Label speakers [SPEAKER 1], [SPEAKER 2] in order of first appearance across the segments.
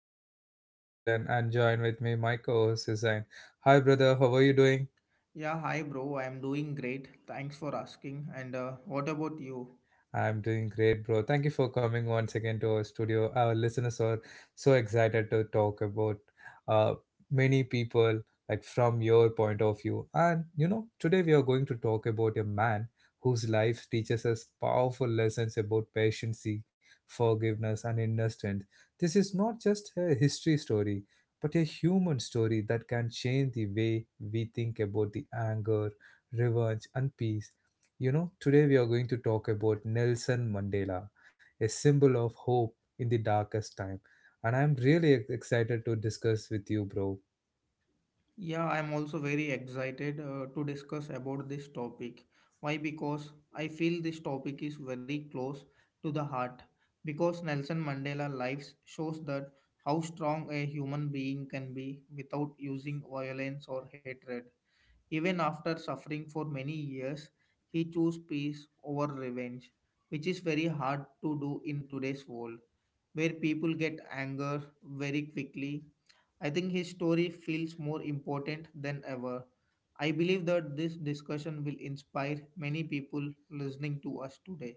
[SPEAKER 1] This is your host Agilan and join with me my co-host Hussain. Hi brother, how are you doing?
[SPEAKER 2] Yeah, hi bro. I am doing great. Thanks for asking. And What about you?
[SPEAKER 1] I'm doing great, bro. Thank you for coming once again to our studio. Our listeners are so excited to talk about uh, many people, like from your point of view. And you know, today we are going to talk about a man whose life teaches us powerful lessons about patience, forgiveness, and inner strength. This is not just a history story, but a human story that can change the way we think about the anger, revenge, and peace. You know, today we are going to talk about Nelson Mandela, a symbol of hope in the darkest time. And I'm really excited to discuss with you, bro.
[SPEAKER 2] Yeah, I am also very excited to discuss about this topic. Why? Because I feel this topic is very close to the heart. Because Nelson Mandela lives shows that how strong a human being can be without using violence or hatred. Even after suffering for many years, he chose peace over revenge, which is very hard to do in today's world, where people get anger very quickly. I think his story feels more important than ever. I believe that this discussion will inspire many people listening to us today.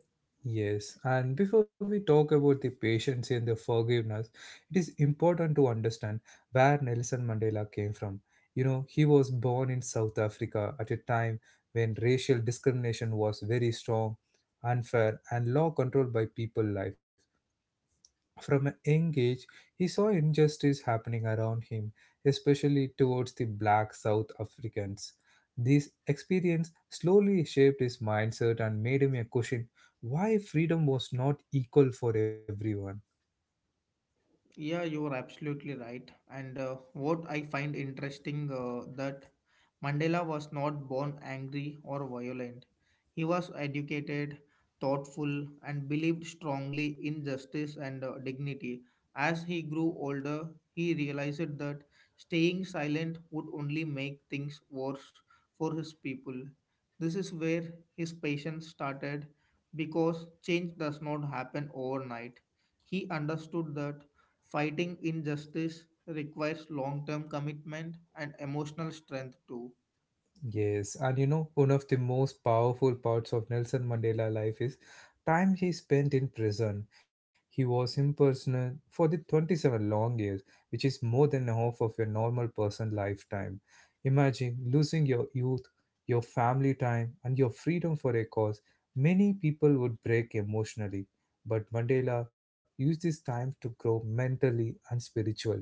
[SPEAKER 1] Yes, and before we talk about the patience and the forgiveness, it is important to understand where Nelson Mandela came from. You know, he was born in South Africa at a time when racial discrimination was very strong, unfair, and law controlled by people life. From a young age, he saw injustice happening around him, especially towards the black South Africans. This experience slowly shaped his mindset and made him a question why freedom was not equal for everyone.
[SPEAKER 2] Yeah, you are absolutely right. And What I find interesting that Mandela was not born angry or violent. He was educated, thoughtful, and believed strongly in justice and dignity. As he grew older, he realized that staying silent would only make things worse for his people. This is where his patience started because change does not happen overnight. He understood that fighting injustice requires long term commitment and emotional strength too.
[SPEAKER 1] Yes, and you know, one of the most powerful parts of Nelson Mandela life is time he spent in prison. He was imprisoned for the 27 long years, which is more than half of your normal person lifetime. Imagine losing your youth, your family time, and your freedom for a cause. Many people would break emotionally, but Mandela used this time to grow mentally and spiritually.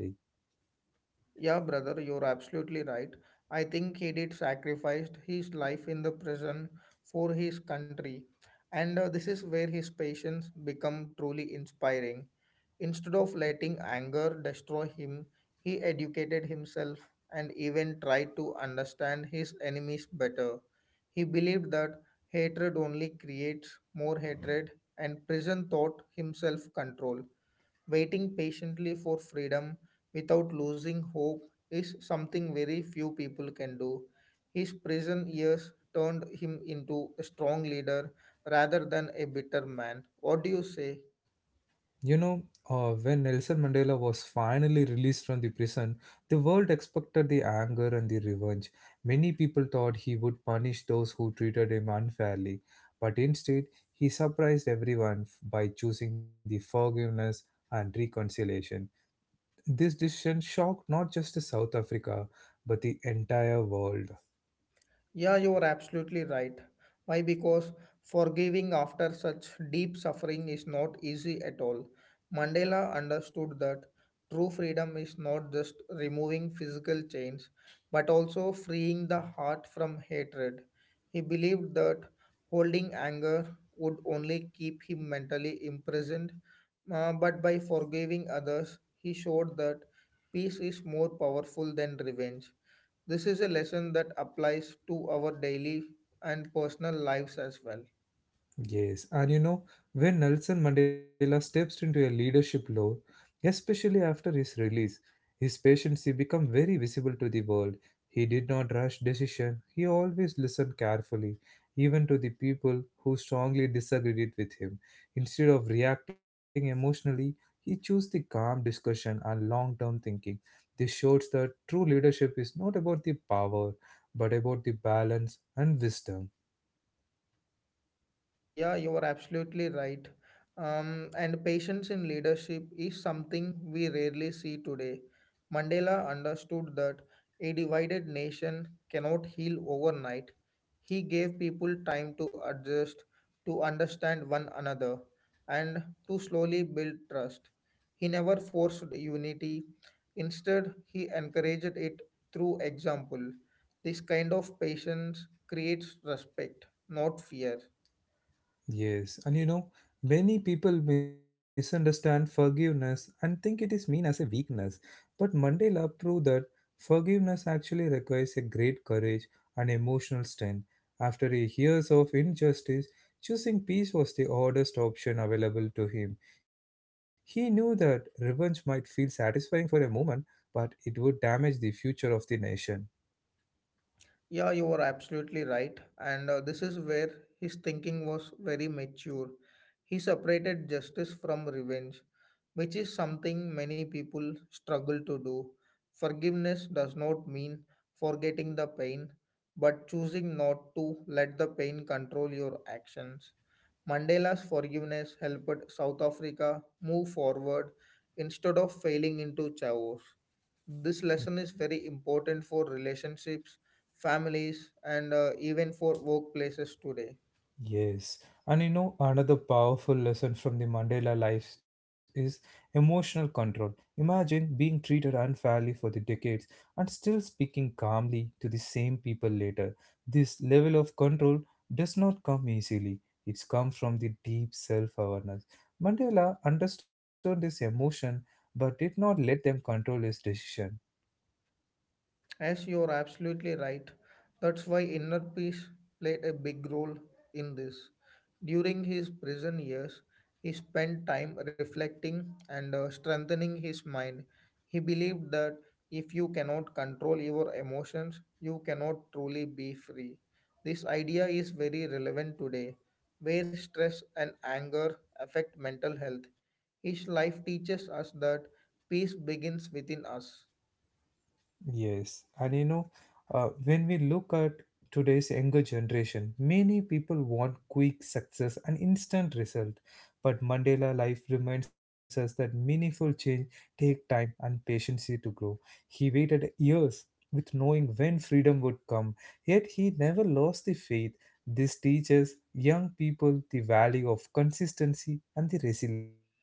[SPEAKER 2] Yeah, brother, you're absolutely right. I think he did sacrificed his life in the prison for his country, and this is where his patience become truly inspiring. Instead of letting anger destroy him, he educated himself and even tried to understand his enemies better. He believed that hatred only creates more hatred, and prison taught himself control. Waiting patiently for freedom without losing hope is something very few people can do. His prison years turned him into a strong leader rather than a bitter man. What do you say?
[SPEAKER 1] You know, when Nelson Mandela was finally released from the prison, the world expected the anger and the revenge. Many people thought he would punish those who treated him unfairly, but instead, he surprised everyone by choosing the forgiveness and reconciliation. This decision shocked not just the South Africa, but the entire world.
[SPEAKER 2] Yeah, you are absolutely right. Why? Because forgiving after such deep suffering is not easy at all. Mandela understood that true freedom is not just removing physical chains, but also freeing the heart from hatred. He believed that holding anger would only keep him mentally imprisoned, but by forgiving others, he showed that peace is more powerful than revenge. This is a lesson that applies to our daily and personal lives as well.
[SPEAKER 1] Yes, and you know, when Nelson Mandela steps into a leadership role, especially after his release, his patience became very visible to the world. He did not rush decision. He always listened carefully, even to the people who strongly disagreed with him. Instead of reacting emotionally, he chose the calm discussion and long-term thinking. This shows that true leadership is not about the power, but about the balance and wisdom.
[SPEAKER 2] Yeah, you are absolutely right. And patience in leadership is something we rarely see today. Mandela understood that a divided nation cannot heal overnight. He gave people time to adjust, to understand one another, and to slowly build trust. He never forced unity. Instead, he encouraged it through example. This kind of patience creates respect, not fear.
[SPEAKER 1] Yes, and you know, many people misunderstand forgiveness and think it is mean as a weakness. But Mandela proved that forgiveness actually requires a great courage and emotional strength. After a years of injustice, choosing peace was the oddest option available to him. He knew that revenge might feel satisfying for a moment, but it would damage the future of the nation.
[SPEAKER 2] Yeah, you are absolutely right. And This is where his thinking was very mature. He separated justice from revenge, which is something many people struggle to do. Forgiveness does not mean forgetting the pain, but choosing not to let the pain control your actions. Mandela's forgiveness helped South Africa move forward instead of failing into chaos. This lesson is very important for relationships, families, and even for workplaces today.
[SPEAKER 1] Yes, and you know, another powerful lesson from the Mandela life is emotional control. Imagine being treated unfairly for the decades and still speaking calmly to the same people later. This level of control does not come easily, it's come from the deep self awareness. Mandela understood this emotion but did not let them control his decision.
[SPEAKER 2] As you're absolutely right. That's why inner peace played a big role in this. During his prison years, he spent time reflecting and strengthening his mind. He believed that if you cannot control your emotions, you cannot truly be free. This idea is very relevant today, where stress and anger affect mental health. His life teaches us that peace begins within us.
[SPEAKER 1] Yes, and you know, when we look at today's younger generation, many people want quick success and instant result. But Mandela life reminds us that meaningful change take time and patience to grow. He waited years with knowing when freedom would come, yet he never lost the faith. This teaches young people the value of consistency and the resilience.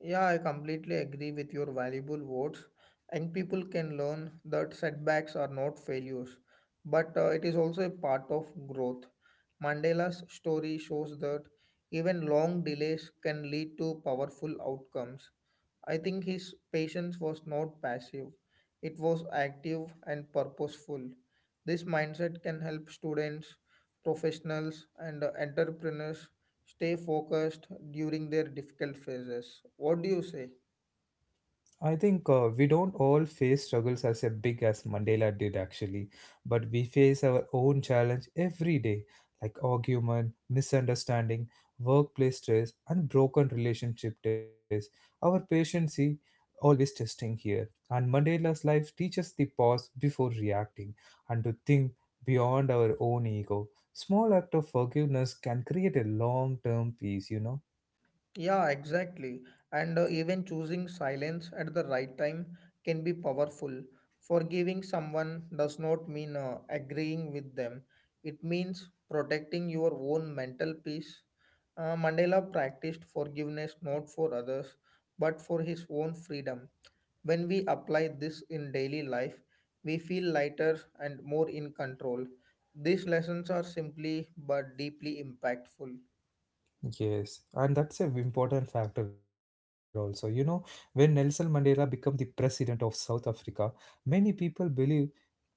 [SPEAKER 2] Yeah, I completely agree with your valuable words. Young people can learn that setbacks are not failures, but it is also a part of growth. Mandela's story shows that even long delays can lead to powerful outcomes. I think his patience was not passive, it was active and purposeful. This mindset can help students, professionals, and entrepreneurs stay focused during their difficult phases. What do you say?
[SPEAKER 1] I think we don't all face struggles as a big as Mandela did actually, but we face our own challenge every day, like argument, misunderstanding, workplace stress, and broken relationship test. Our patience is always testing here, and Mandela's life teaches the pause before reacting and to think beyond our own ego. Small act of forgiveness can create a long-term peace, you know.
[SPEAKER 2] Yeah, exactly. And Even choosing silence at the right time can be powerful. Forgiving someone does not mean agreeing with them, it means protecting your own mental peace. Mandela practiced forgiveness not for others, but for his own freedom. When we apply this in daily life, we feel lighter and more in control. These lessons are simply but deeply impactful.
[SPEAKER 1] Yes, and that's a important factor also. You know, when Nelson Mandela became the president of South Africa, many people believe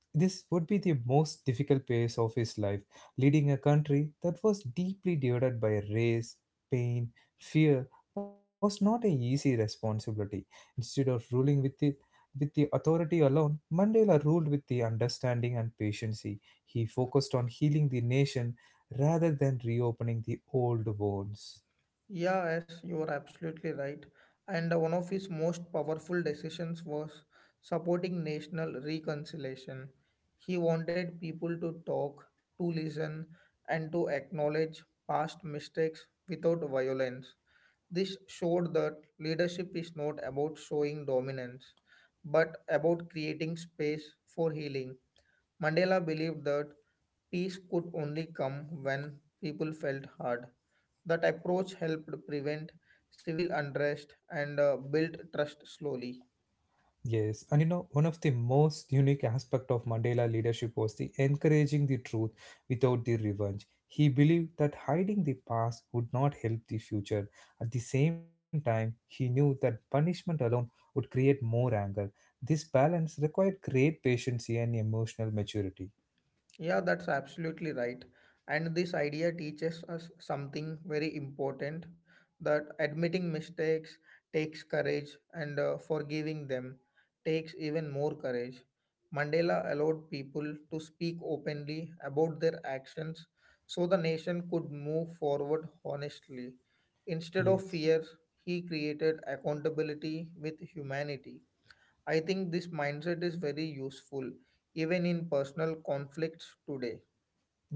[SPEAKER 1] this would be the most difficult phase of his life, leading a country that was deeply divided by race, pain, fear was not an easy responsibility. Instead of ruling with the authority alone, Mandela ruled with the understanding and patience. He focused on healing the nation rather than reopening the old wounds.
[SPEAKER 2] Yeah, yes, you are absolutely right. And One of his most powerful decisions was supporting national reconciliation. He wanted people to talk, to listen, and to acknowledge past mistakes without violence. This showed that leadership is not about showing dominance, but about creating space for healing. Mandela believed that peace could only come when people felt heard. That approach helped prevent civil unrest and built trust slowly.
[SPEAKER 1] Yes, and you know, one of the most unique aspect of Mandela leadership was the encouraging the truth without the revenge. He believed that hiding the past would not help the future. At the same time, he knew that punishment alone would create more anger. This balance required great patience and emotional maturity.
[SPEAKER 2] Yeah, that's absolutely right. And this idea teaches us something very important that admitting mistakes takes courage, and forgiving them takes even more courage. Mandela allowed people to speak openly about their actions so the nation could move forward honestly. Instead of
[SPEAKER 1] Yes.
[SPEAKER 2] fear, he created accountability with humanity. I think this mindset is very useful even in personal conflicts today.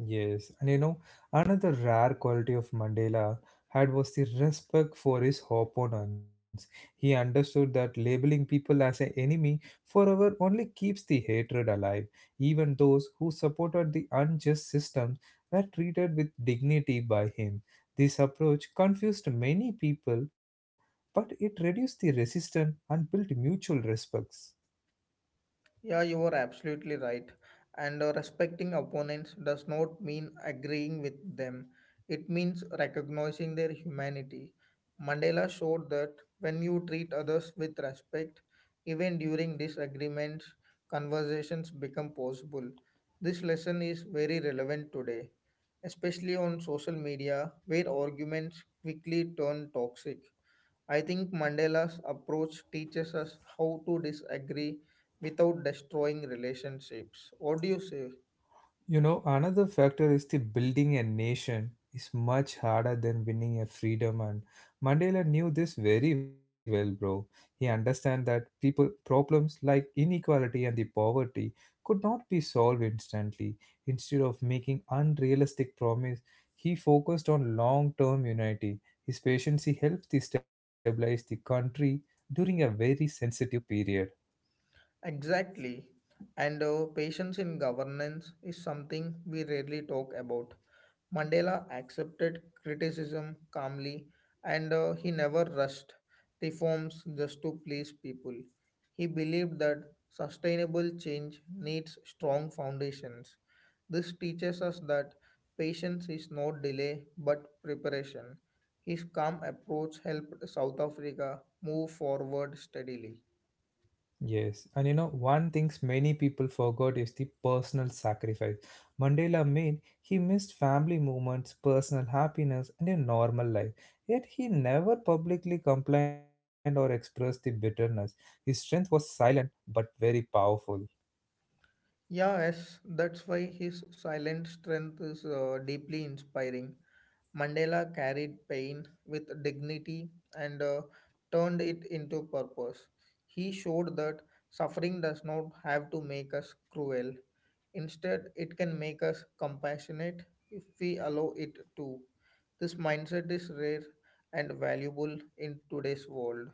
[SPEAKER 1] Yes, and you know, another rare quality of Mandela had was the respect for his opponents. He understood that labeling people as an enemy forever only keeps the hatred alive. Even those who supported the unjust systems were treated with dignity by him. This approach confused many people, but it reduced the resistance and built mutual respects.
[SPEAKER 2] Yeah, you are absolutely right. And Respecting opponents does not mean agreeing with them, it means recognizing their humanity. Mandela showed that when you treat others with respect, even during disagreements, conversations become possible. This lesson is very relevant today, especially on social media where arguments quickly turn toxic. I think Mandela's approach teaches us how to disagree without destroying relationships. What do you say?
[SPEAKER 1] You know, another factor is the building a nation is much harder than winning a freedom and Mandela knew this very well, bro. He understand that people problems like inequality and the poverty could not be solved instantly. Instead of making unrealistic promise, he focused on long-term unity. His patience he helped to stabilize the country during a very sensitive period.
[SPEAKER 2] Exactly. And Patience in governance is something we rarely talk about. Mandela accepted criticism calmly and he never rushed reforms just to please people. He believed that sustainable change needs strong foundations. This teaches us that patience is not delay but preparation. His calm approach helped South Africa move forward steadily.
[SPEAKER 1] Yes, and you know, one things many people forgot is the personal sacrifice Mandela made. He missed family moments, personal happiness, and a normal life. Yet he never publicly complained or expressed the bitterness. His strength was silent but very powerful.
[SPEAKER 2] Yeah, yes, that's why his silent strength is deeply inspiring. Mandela carried pain with dignity and turned it into purpose. He showed that suffering does not have to make us cruel. Instead, it can make us compassionate if we allow it to. This mindset is rare and valuable in today's world.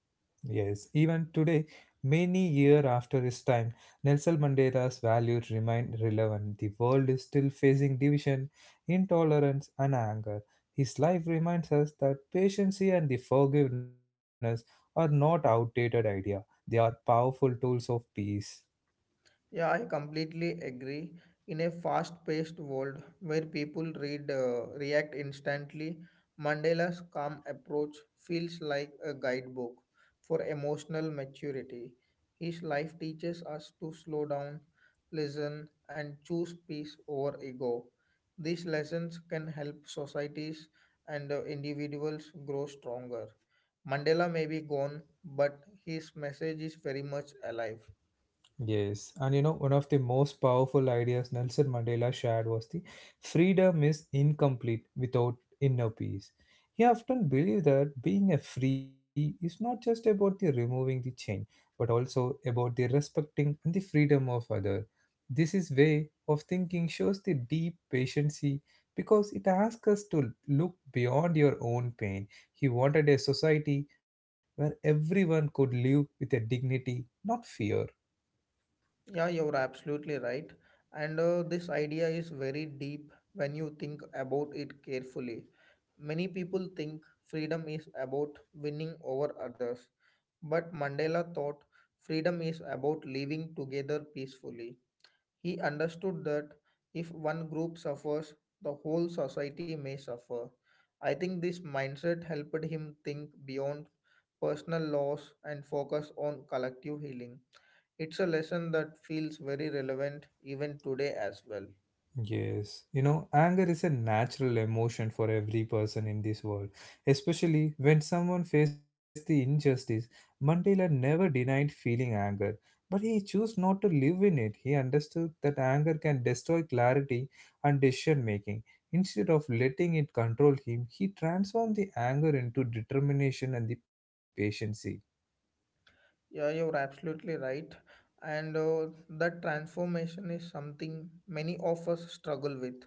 [SPEAKER 1] Yes, even today, many years after his time, Nelson Mandela's values remain relevant. The world is still facing division, intolerance, and anger. His life reminds us that patience and the forgiveness are not outdated idea. They are powerful tools of peace.
[SPEAKER 2] Yeah, I completely agree. In a fast-paced world where people read react instantly, Mandela's calm approach feels like a guidebook for emotional maturity. His life teaches us to slow down, listen, and choose peace over ego. These lessons can help societies and individuals grow stronger. Mandela may be gone, but his message is very much alive.
[SPEAKER 1] Yes, and you know, one of the most powerful ideas Nelson Mandela shared was the freedom is incomplete without inner peace. He often believed that being a free is not just about the removing the chain, but also about the respecting and the freedom of others. This is way of thinking shows the deep patience because it asks us to look beyond your own pain. He wanted a society where everyone could live with a dignity, not fear.
[SPEAKER 2] Yeah, you're absolutely right. And This idea is very deep when you think about it carefully. Many people think freedom is about winning over others, but Mandela thought freedom is about living together peacefully. He understood that if one group suffers, the whole society may suffer. I think this mindset helped him think beyond personal loss and focus on collective healing. It's a lesson that feels very relevant even today as well.
[SPEAKER 1] Yes, you know, anger is a natural emotion for every person in this world, especially when someone faced the injustice. Mandela never denied feeling anger, but he chose not to live in it. He understood that anger can destroy clarity and decision making. Instead of letting it control him, he transformed the anger into determination and the patience.
[SPEAKER 2] Yeah, you're absolutely right. And That transformation is something many of us struggle with.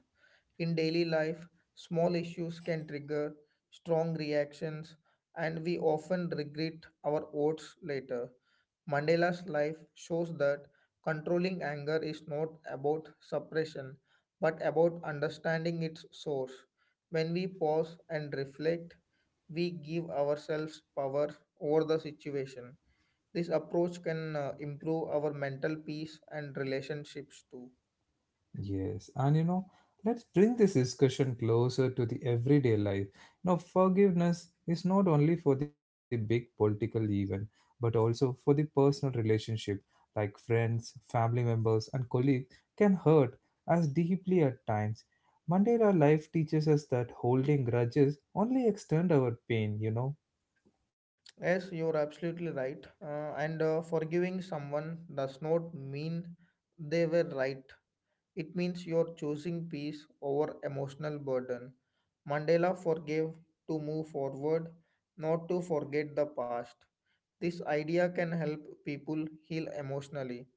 [SPEAKER 2] In daily life, small issues can trigger strong reactions, and we often regret our votes later. Mandela's life shows that controlling anger is not about suppression, but about understanding its source. When we pause and reflect, we give ourselves power over the situation. This approach can improve our mental peace and relationships too.
[SPEAKER 1] Yes, and you know, let's bring this discussion closer to the everyday life. Now, forgiveness is not only for the big political event, but also for the personal relationship, like friends, family members, and colleagues can hurt us deeply at times. Mandela life teaches us that holding grudges only extend our pain, you know.
[SPEAKER 2] Yes, you're absolutely right. And Forgiving someone does not mean they were right. It means you're choosing peace over emotional burden. Mandela forgave to move forward, not to forget the past. This idea can help people heal emotionally.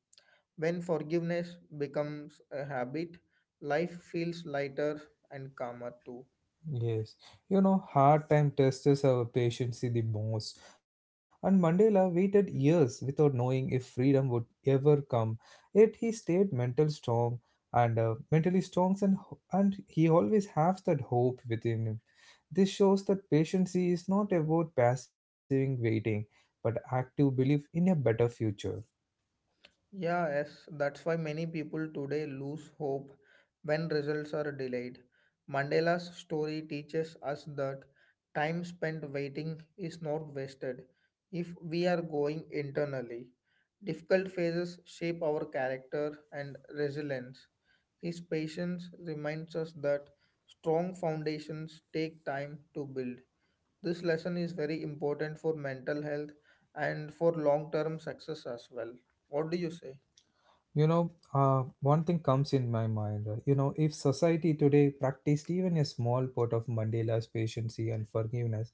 [SPEAKER 2] When forgiveness becomes a habit, life feels lighter and calmer too.
[SPEAKER 1] Yes, you know, hard time tests our patience the most. And Mandela waited years without knowing if freedom would ever come. Yet he stayed mental strong and mentally strong, and and he always has that hope within him. This shows that patience is not about passive waiting, but active belief in a better future.
[SPEAKER 2] Yeah, yes, that's why many people today lose hope when results are delayed. Mandela's story teaches us that time spent waiting is not wasted if we are going internally. Difficult phases shape our character and resilience. His patience reminds us that strong foundations take time to build. This lesson is very important for mental health and for long term success as well. What do you say?
[SPEAKER 1] You know, one thing comes in my mind. You know, if society today practiced even a small part of Mandela's patience and forgiveness,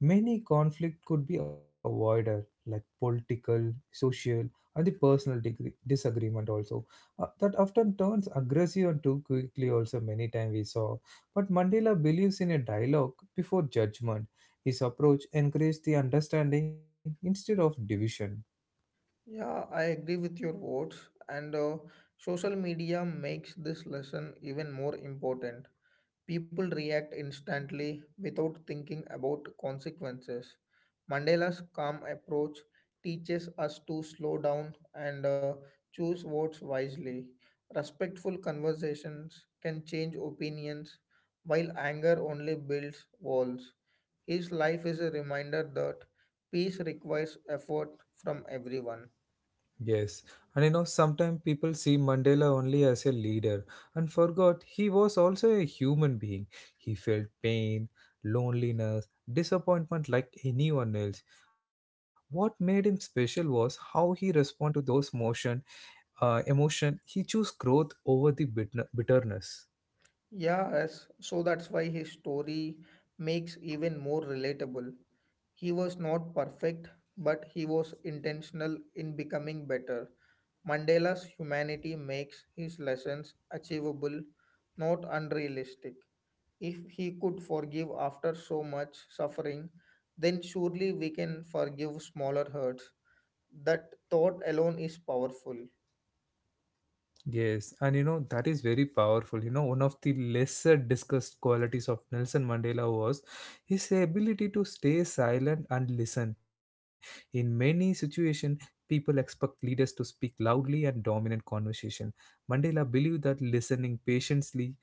[SPEAKER 1] many conflict could be avoided, like political, social, and the personal degree, disagreement also. That often turns aggressive and too quickly. Also, many times we saw. But Mandela believes in a dialogue before judgment. His approach encouraged the understanding instead of division.
[SPEAKER 2] Yeah, I agree with your words, and social media makes this lesson even more important. People react instantly without thinking about consequences. Mandela's calm approach teaches us to slow down and choose words wisely. Respectful conversations can change opinions, while anger only builds walls. His life is a reminder that peace requires effort from everyone.
[SPEAKER 1] Yes, and you know, sometimes people see Mandela only as a leader and forgot he was also a human being. He felt pain, loneliness, disappointment like anyone else. What made him special was how he responded to those motion, emotion. He chose growth over the bitterness.
[SPEAKER 2] Yeah, as So that's why his story makes even more relatable. He was not perfect, but he was intentional in becoming better. Mandela's humanity makes his lessons achievable, not unrealistic. If he could forgive after so much suffering, then surely we can forgive smaller hurts. That thought alone is powerful.
[SPEAKER 1] Yes, and you know that is very powerful. You know, one of the lesser discussed qualities of Nelson Mandela was his ability to stay silent and listen. In many situations, people expect leaders to speak loudly and dominant conversation. Mandela believed that listening patiently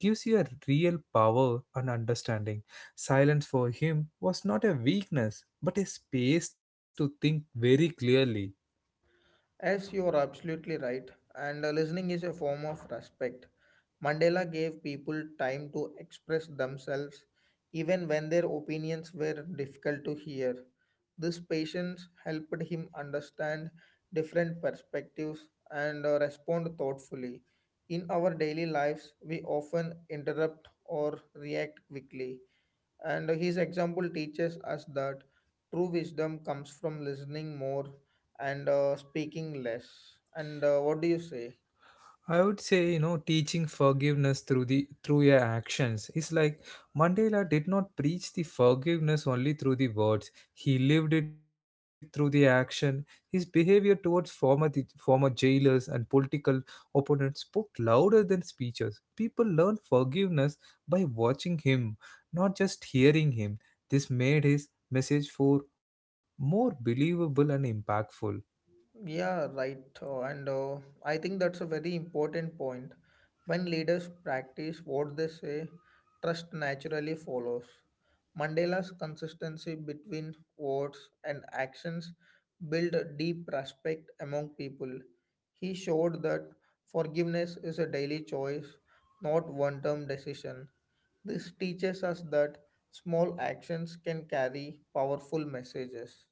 [SPEAKER 1] gives you a real power and understanding. Silence for him was not a weakness, but a space to think very clearly.
[SPEAKER 2] As you are absolutely right, and listening is a form of respect. Mandela gave people time to express themselves even when their opinions were difficult to hear. This patience helped him understand different perspectives and respond thoughtfully. In our daily lives, we often interrupt or react quickly, and his example teaches us that true wisdom comes from listening more and speaking less. And What do you say?
[SPEAKER 1] I would say, you know, teaching forgiveness through the through your actions is like Mandela did not preach the forgiveness only through the words. He lived it through the action. His behavior towards former the former jailers and political opponents spoke louder than speeches. People learned forgiveness by watching him, not just hearing him. This made his message for more believable and impactful.
[SPEAKER 2] Yeah, right. And I think that's a very important point. When leaders practice what they say, trust naturally follows. Mandela's consistency between words and actions built a deep respect among people. He showed that forgiveness is a daily choice, not one term decision. This teaches us that small actions can carry powerful messages.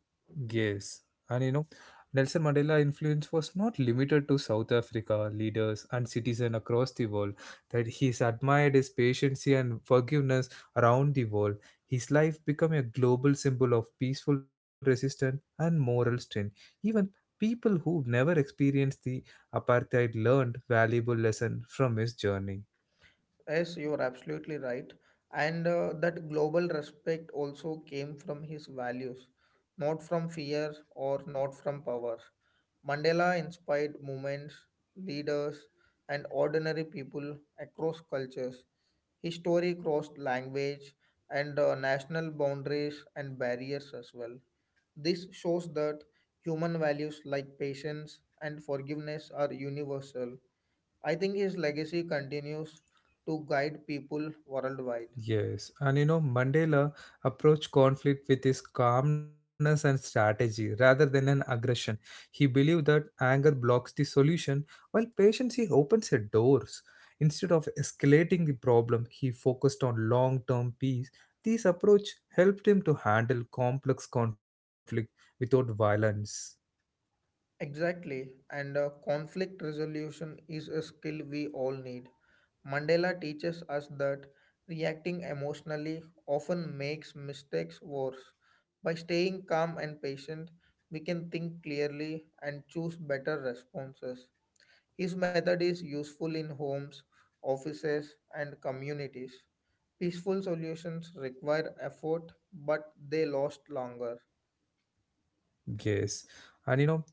[SPEAKER 1] Yes, and you know, Nelson Mandela influence was not limited to South Africa leaders and citizens across the world. That he's admired his patience and forgiveness around the world. His life became a global symbol of peaceful resistance and moral strength. Even people who never experienced the apartheid learned valuable lesson from his journey.
[SPEAKER 2] Yes, you're absolutely right. And That global respect also came from his values, not from fear or not from power. Mandela inspired movements, leaders, and ordinary people across cultures. His story crossed language and national boundaries and barriers as well. This shows that human values like patience and forgiveness are universal. I think his legacy continues to guide people worldwide.
[SPEAKER 1] Yes, and Mandela approached conflict with his calmness and strategy rather than an aggression. He believed that anger blocks the solution, while patience he opens the doors. Instead of escalating the problem, he focused on long term peace. This approach helped him to handle complex conflict without violence.
[SPEAKER 2] Exactly, and conflict resolution is a skill we all need. Mandela teaches us that reacting emotionally often makes mistakes worse. By staying calm and patient, we can think clearly and choose better responses. His method is useful in homes, offices, and communities. Peaceful solutions require effort, but they last longer.
[SPEAKER 1] Yes. And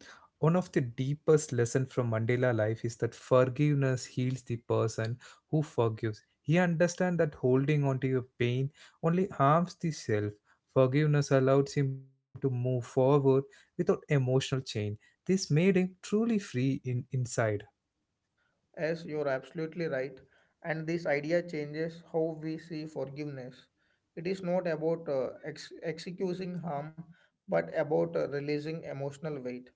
[SPEAKER 1] one of the deepest lessons from Mandela life is that forgiveness heals the person who forgives. He understands that holding on to your pain only harms the self. Forgiveness allows him to move forward without emotional chain. This made him truly free in inside.
[SPEAKER 2] As you're absolutely right, and this idea changes how we see forgiveness. It is not about excusing harm, but about releasing emotional weight.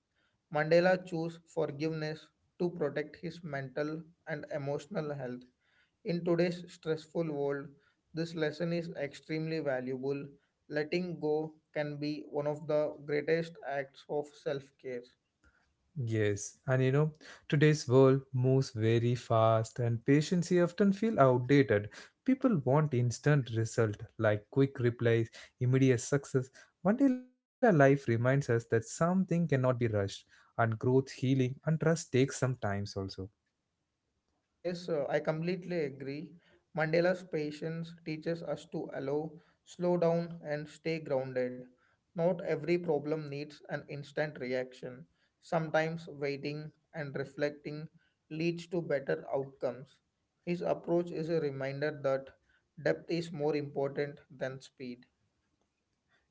[SPEAKER 2] Mandela chose forgiveness to protect his mental and emotional health. In today's stressful world, this lesson is extremely valuable. Letting go can be one of the greatest acts of self care.
[SPEAKER 1] Yes, and today's world moves very fast and patience here often feel outdated. People want instant result like quick replies, immediate success, until our life reminds us that something cannot be rushed and growth, healing and trust takes some times also.
[SPEAKER 2] Yes, I completely agree. Mandela's patience teaches us to allow, slow down, and stay grounded. Not every problem needs an instant reaction. Sometimes waiting and reflecting leads to better outcomes. His approach is a reminder that depth is more important than speed.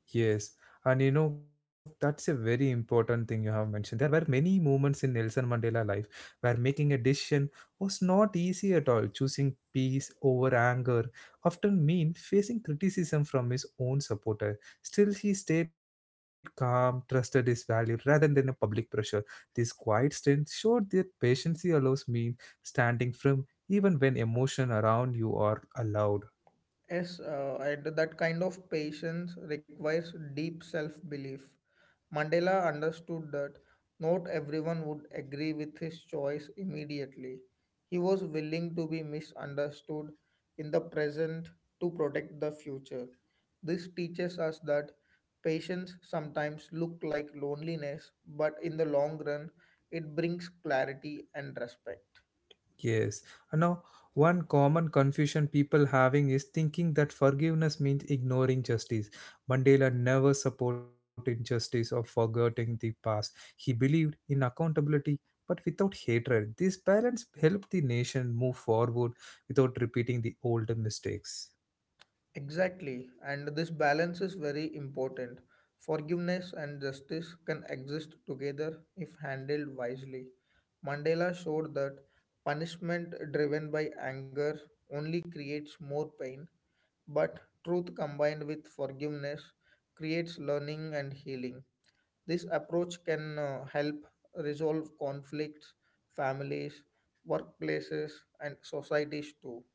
[SPEAKER 1] Yes, and that's a very important thing you have mentioned. There were many moments in Nelson Mandela life where making a decision was not easy at all. Choosing peace over anger often meant facing criticism from his own supporter. Still, he stayed calm, trusted his value rather than a public pressure. This quiet strength showed that patience allows means standing firm even when emotion around you are allowed.
[SPEAKER 2] Yes, and that kind of patience requires deep self belief. Mandela understood that not everyone would agree with his choice immediately. He was willing to be misunderstood in the present to protect the future. This teaches us that patience sometimes look like loneliness, but in the long run, it brings clarity and respect.
[SPEAKER 1] Yes. And now, one common confusion people having is thinking that forgiveness means ignoring justice. Mandela never supported justice or forgetting the past. He believed in accountability but without hatred. These balance helped the nation move forward without repeating the old mistakes.
[SPEAKER 2] Exactly, and this balance is very important. Forgiveness and justice can exist together if handled wisely. Mandela showed that punishment driven by anger only creates more pain, but truth combined with forgiveness creates learning and healing. This approach can help resolve conflicts, families, workplaces, and societies too.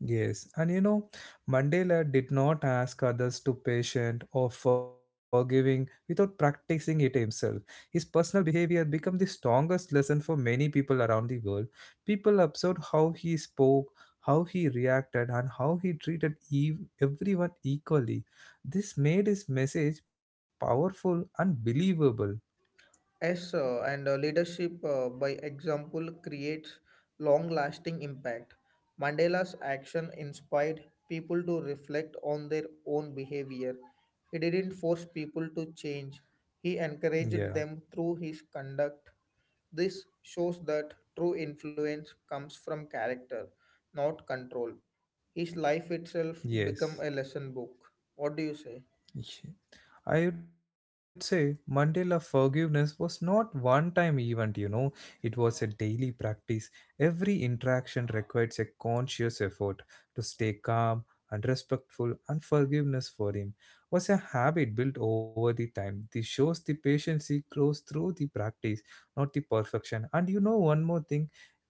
[SPEAKER 1] Yes, and Mandela did not ask others to patient or forgiving without practicing it himself. His personal behavior became the strongest lesson for many people around the world. People observed how he spoke, how he reacted, and how he treated everyone equally. This made his message powerful and believable.
[SPEAKER 2] Yes, and leadership by example creates long lasting impact. Mandela's action inspired people to reflect on their own behavior. He didn't force people to change, he
[SPEAKER 1] Yeah,
[SPEAKER 2] encouraged them through his conduct. This shows that true influence comes from character, not control. His life itself become a lesson
[SPEAKER 1] yes.
[SPEAKER 2] book. What do you say?
[SPEAKER 1] Yeah. I would say Mandela' forgiveness was not one time event. It was a daily practice. Every interaction requires a conscious effort to stay calm and respectful, and forgiveness for him was a habit built over the time. This shows the patience he grows through the practice, not the perfection. And one more thing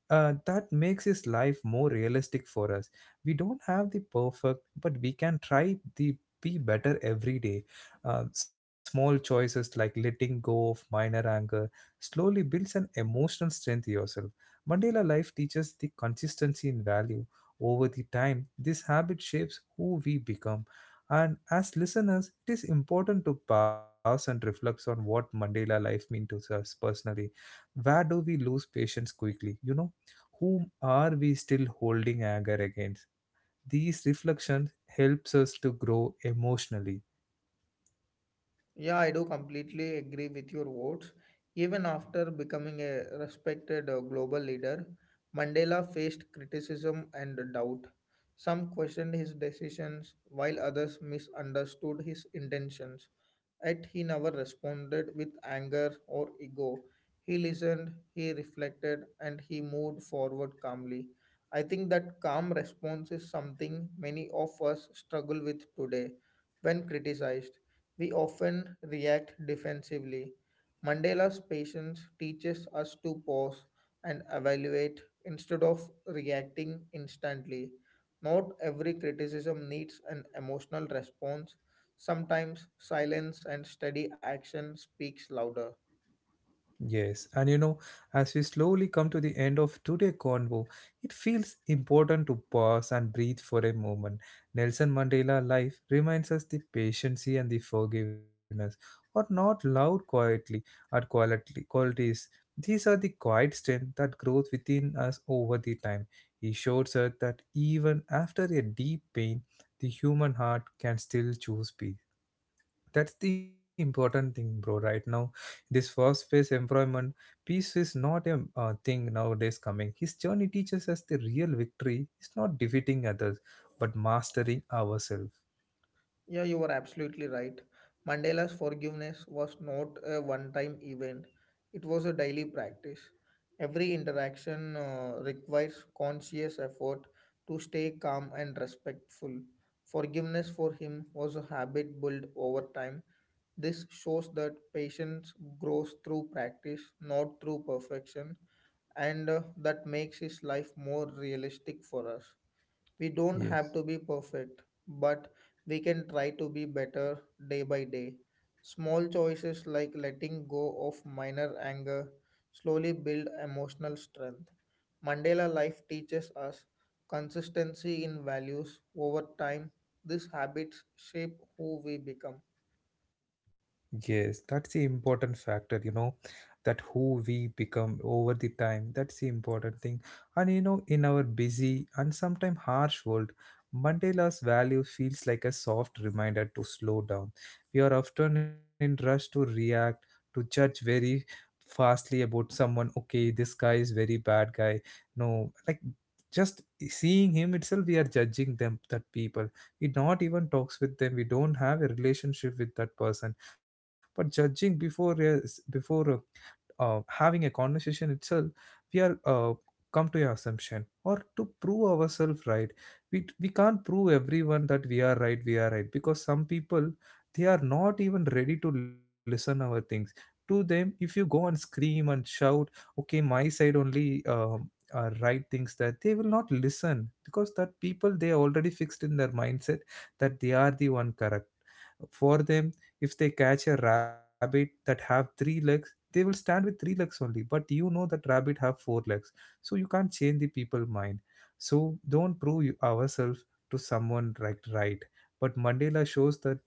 [SPEAKER 1] that makes his life more realistic for us. We don't have the perfect, but we can try the be better every day. Small choices like letting go of minor anger slowly builds an emotional strength in yourself. Mandela life teaches the consistency in value over the time. This habit shapes who we become. And as listeners, it is important to pause and reflect on what Mandela life means to us personally, where do we lose patience quickly, whom are we still holding anger against? These reflections helps us to grow emotionally.
[SPEAKER 2] Yeah, I do completely agree with your words. Even after becoming a respected global leader, Mandela faced criticism and doubt. Some questioned his decisions, while others misunderstood his intentions. Yet he never responded with anger or ego. He listened, he reflected, and he moved forward calmly. I think that calm response is something many of us struggle with today when criticized. We often react defensively. Mandela's patience teaches us to pause and evaluate instead of reacting instantly. Not every criticism needs an emotional response. Sometimes silence and steady action speaks louder.
[SPEAKER 1] Yes, and as we slowly come to the end of today's convo, it feels important to pause and breathe for a moment. Nelson Mandela life reminds us the patience and the forgiveness are not loud quietly or quality qualities. These are the quiet strength that grows within us over the time. He shows us that even after a deep pain, the human heart can still choose peace. That's the important thing, bro. Right now, this fast paced employment peace is not a thing nowadays. Coming his journey teaches us the real victory is not defeating others, but mastering ourselves.
[SPEAKER 2] Yeah, you were absolutely right. Mandela's forgiveness was not a one time event, it was a daily practice. Every interaction requires conscious effort to stay calm and respectful. Forgiveness for him was a habit built over time. This shows that patience grows through practice, not through perfection, and that makes his life more realistic for us. We don't have to be
[SPEAKER 1] Yes.
[SPEAKER 2] perfect, but we can try to be better day by day. Small choices like letting go of minor anger slowly build emotional strength. Mandela life teaches us consistency in values over time. These habits shape who we become.
[SPEAKER 1] Yes, that's the important factor, that who we become over the time. That's the important thing. And in our busy and sometimes harsh world, Mandela's value feels like a soft reminder to slow down. We are often in rush to react, to judge very fastly about someone. Okay, this guy is very bad guy. No, like, just seeing him itself, we are judging them, that people. We not even talks with them. We don't have a relationship with that person, but judging before having a conversation itself, we are come to a assumption or to prove ourselves right. We can't prove everyone that we are right. We are right because some people, they are not even ready to listen our things. To them, if you go and scream and shout, okay, my side only right things, that they will not listen, because that people, they are already fixed in their mindset that they are the one correct for them. If they catch a rabbit that have three legs, they will stand with three legs only, but you know that rabbit have four legs. So you can't change the people mind. So don't prove ourselves to someone right. Right, but Mandela shows that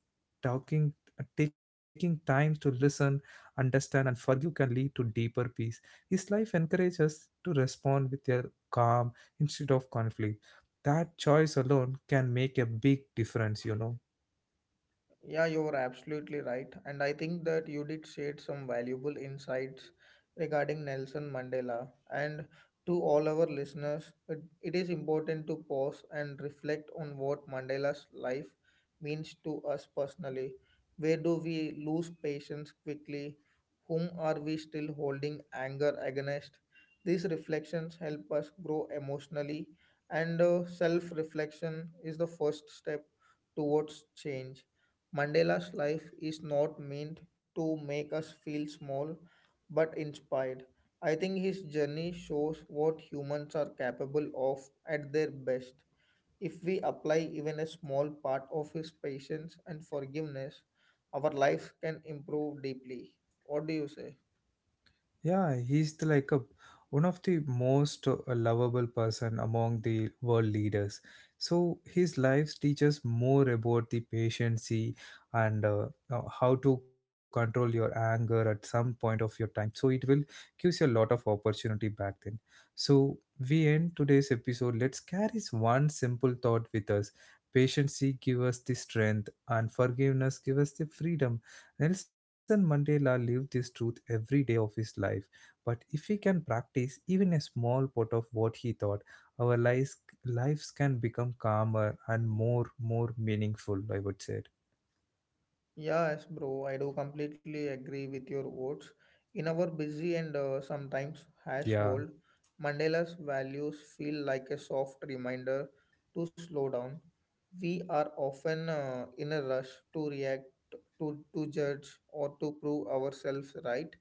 [SPEAKER 1] talking, taking time to listen, understand and forgive can lead to deeper peace. His life encourages us to respond with a calm instead of conflict. That choice alone can make a big difference.
[SPEAKER 2] Yeah, you're absolutely right. And I think that you did share some valuable insights regarding Nelson Mandela. And to all our listeners, it is important to pause and reflect on what Mandela's life means to us personally. Where do we lose patience quickly? Whom are we still holding anger against? These reflections help us grow emotionally, and self reflection is the first step towards change. Mandela's life is not meant to make us feel small but inspired. I think his journey shows what humans are capable of at their best. If we apply even a small part of his patience and forgiveness, our lives can improve deeply. What do you say?
[SPEAKER 1] Yeah, he's the, like a one of the most lovable person among the world leaders. So his life teaches more about the patience and how to control your anger at some point of your time. So it will gives you a lot of opportunity back then. So we end today's episode. Let's carry one simple thought with us. Patience give us the strength and forgiveness give us the freedom. Nelson Mandela lived this truth every day of his life, but if we can practice even a small part of what he thought, our lives can become calmer and more meaningful, I would say.
[SPEAKER 2] Yes, bro, I do completely agree with your words. In our busy and sometimes harsh
[SPEAKER 1] Yeah,
[SPEAKER 2] world, Mandela's values feel like a soft reminder to slow down. We are often in a rush to react, to judge, or to prove ourselves right.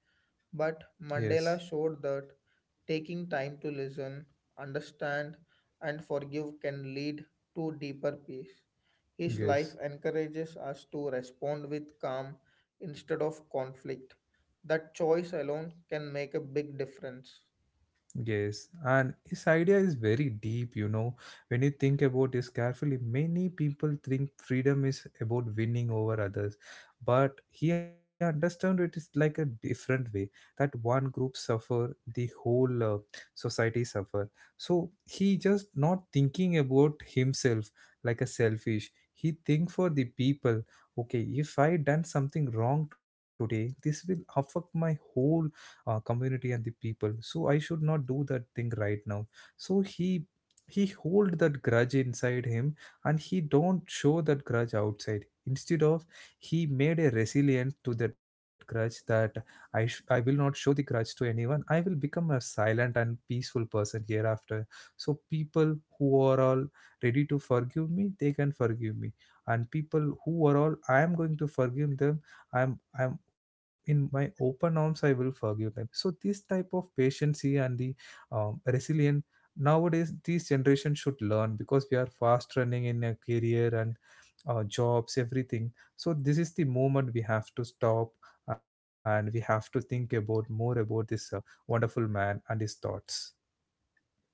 [SPEAKER 2] But
[SPEAKER 1] yes,
[SPEAKER 2] Mandela showed that taking time to listen, understand, and forgive can lead to deeper peace. His life
[SPEAKER 1] yes.
[SPEAKER 2] encourages us to respond with calm instead of conflict. That choice alone can make a big difference.
[SPEAKER 1] Yes, and his idea is very deep. When you think about this carefully, many people think freedom is about winning over others, but he understood it is like a different way, that one group suffer, the whole society suffer. So he just not thinking about himself like a selfish. He think for the people. Okay, if I done something wrong today, this will affect my whole community and the people, so I should not do that thing right now. So he hold that grudge inside him and he don't show that grudge outside. Instead of, he made a resilience to that grudge that I will not show the grudge to anyone. I will become a silent and peaceful person hereafter. So people who are all ready to forgive me, they can forgive me, and people who are all I am going to forgive them. I'm in my open arms, I will forgive them. So this type of patience and the resilient nowadays these generation should learn, because we are fast running in a career and jobs everything. So this is the moment we have to stop and we have to think about more about this wonderful man and his thoughts.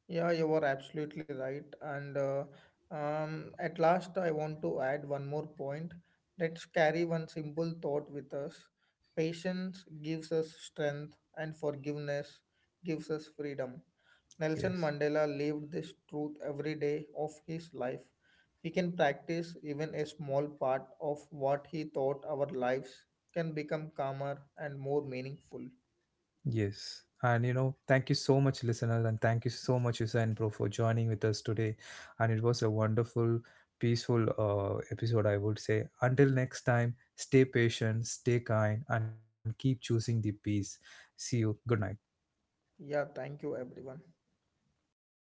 [SPEAKER 2] Yeah, you are absolutely right. And At last, I want to add one more point. Let's carry one simple thought with us. Patience gives us strength, and forgiveness gives us freedom. Nelson
[SPEAKER 1] Yes.
[SPEAKER 2] Mandela lived this truth every day of his life. We can practice even a small part of what he taught our lives can become calmer and more meaningful.
[SPEAKER 1] Yes. And thank you so much, listeners, and thank you so much, Yusa and Pro, for joining with us today. And it was a wonderful, peaceful episode, I would say. Until next time, stay patient, stay kind, and keep choosing the peace. See you. Good night.
[SPEAKER 2] Yeah, thank you, everyone.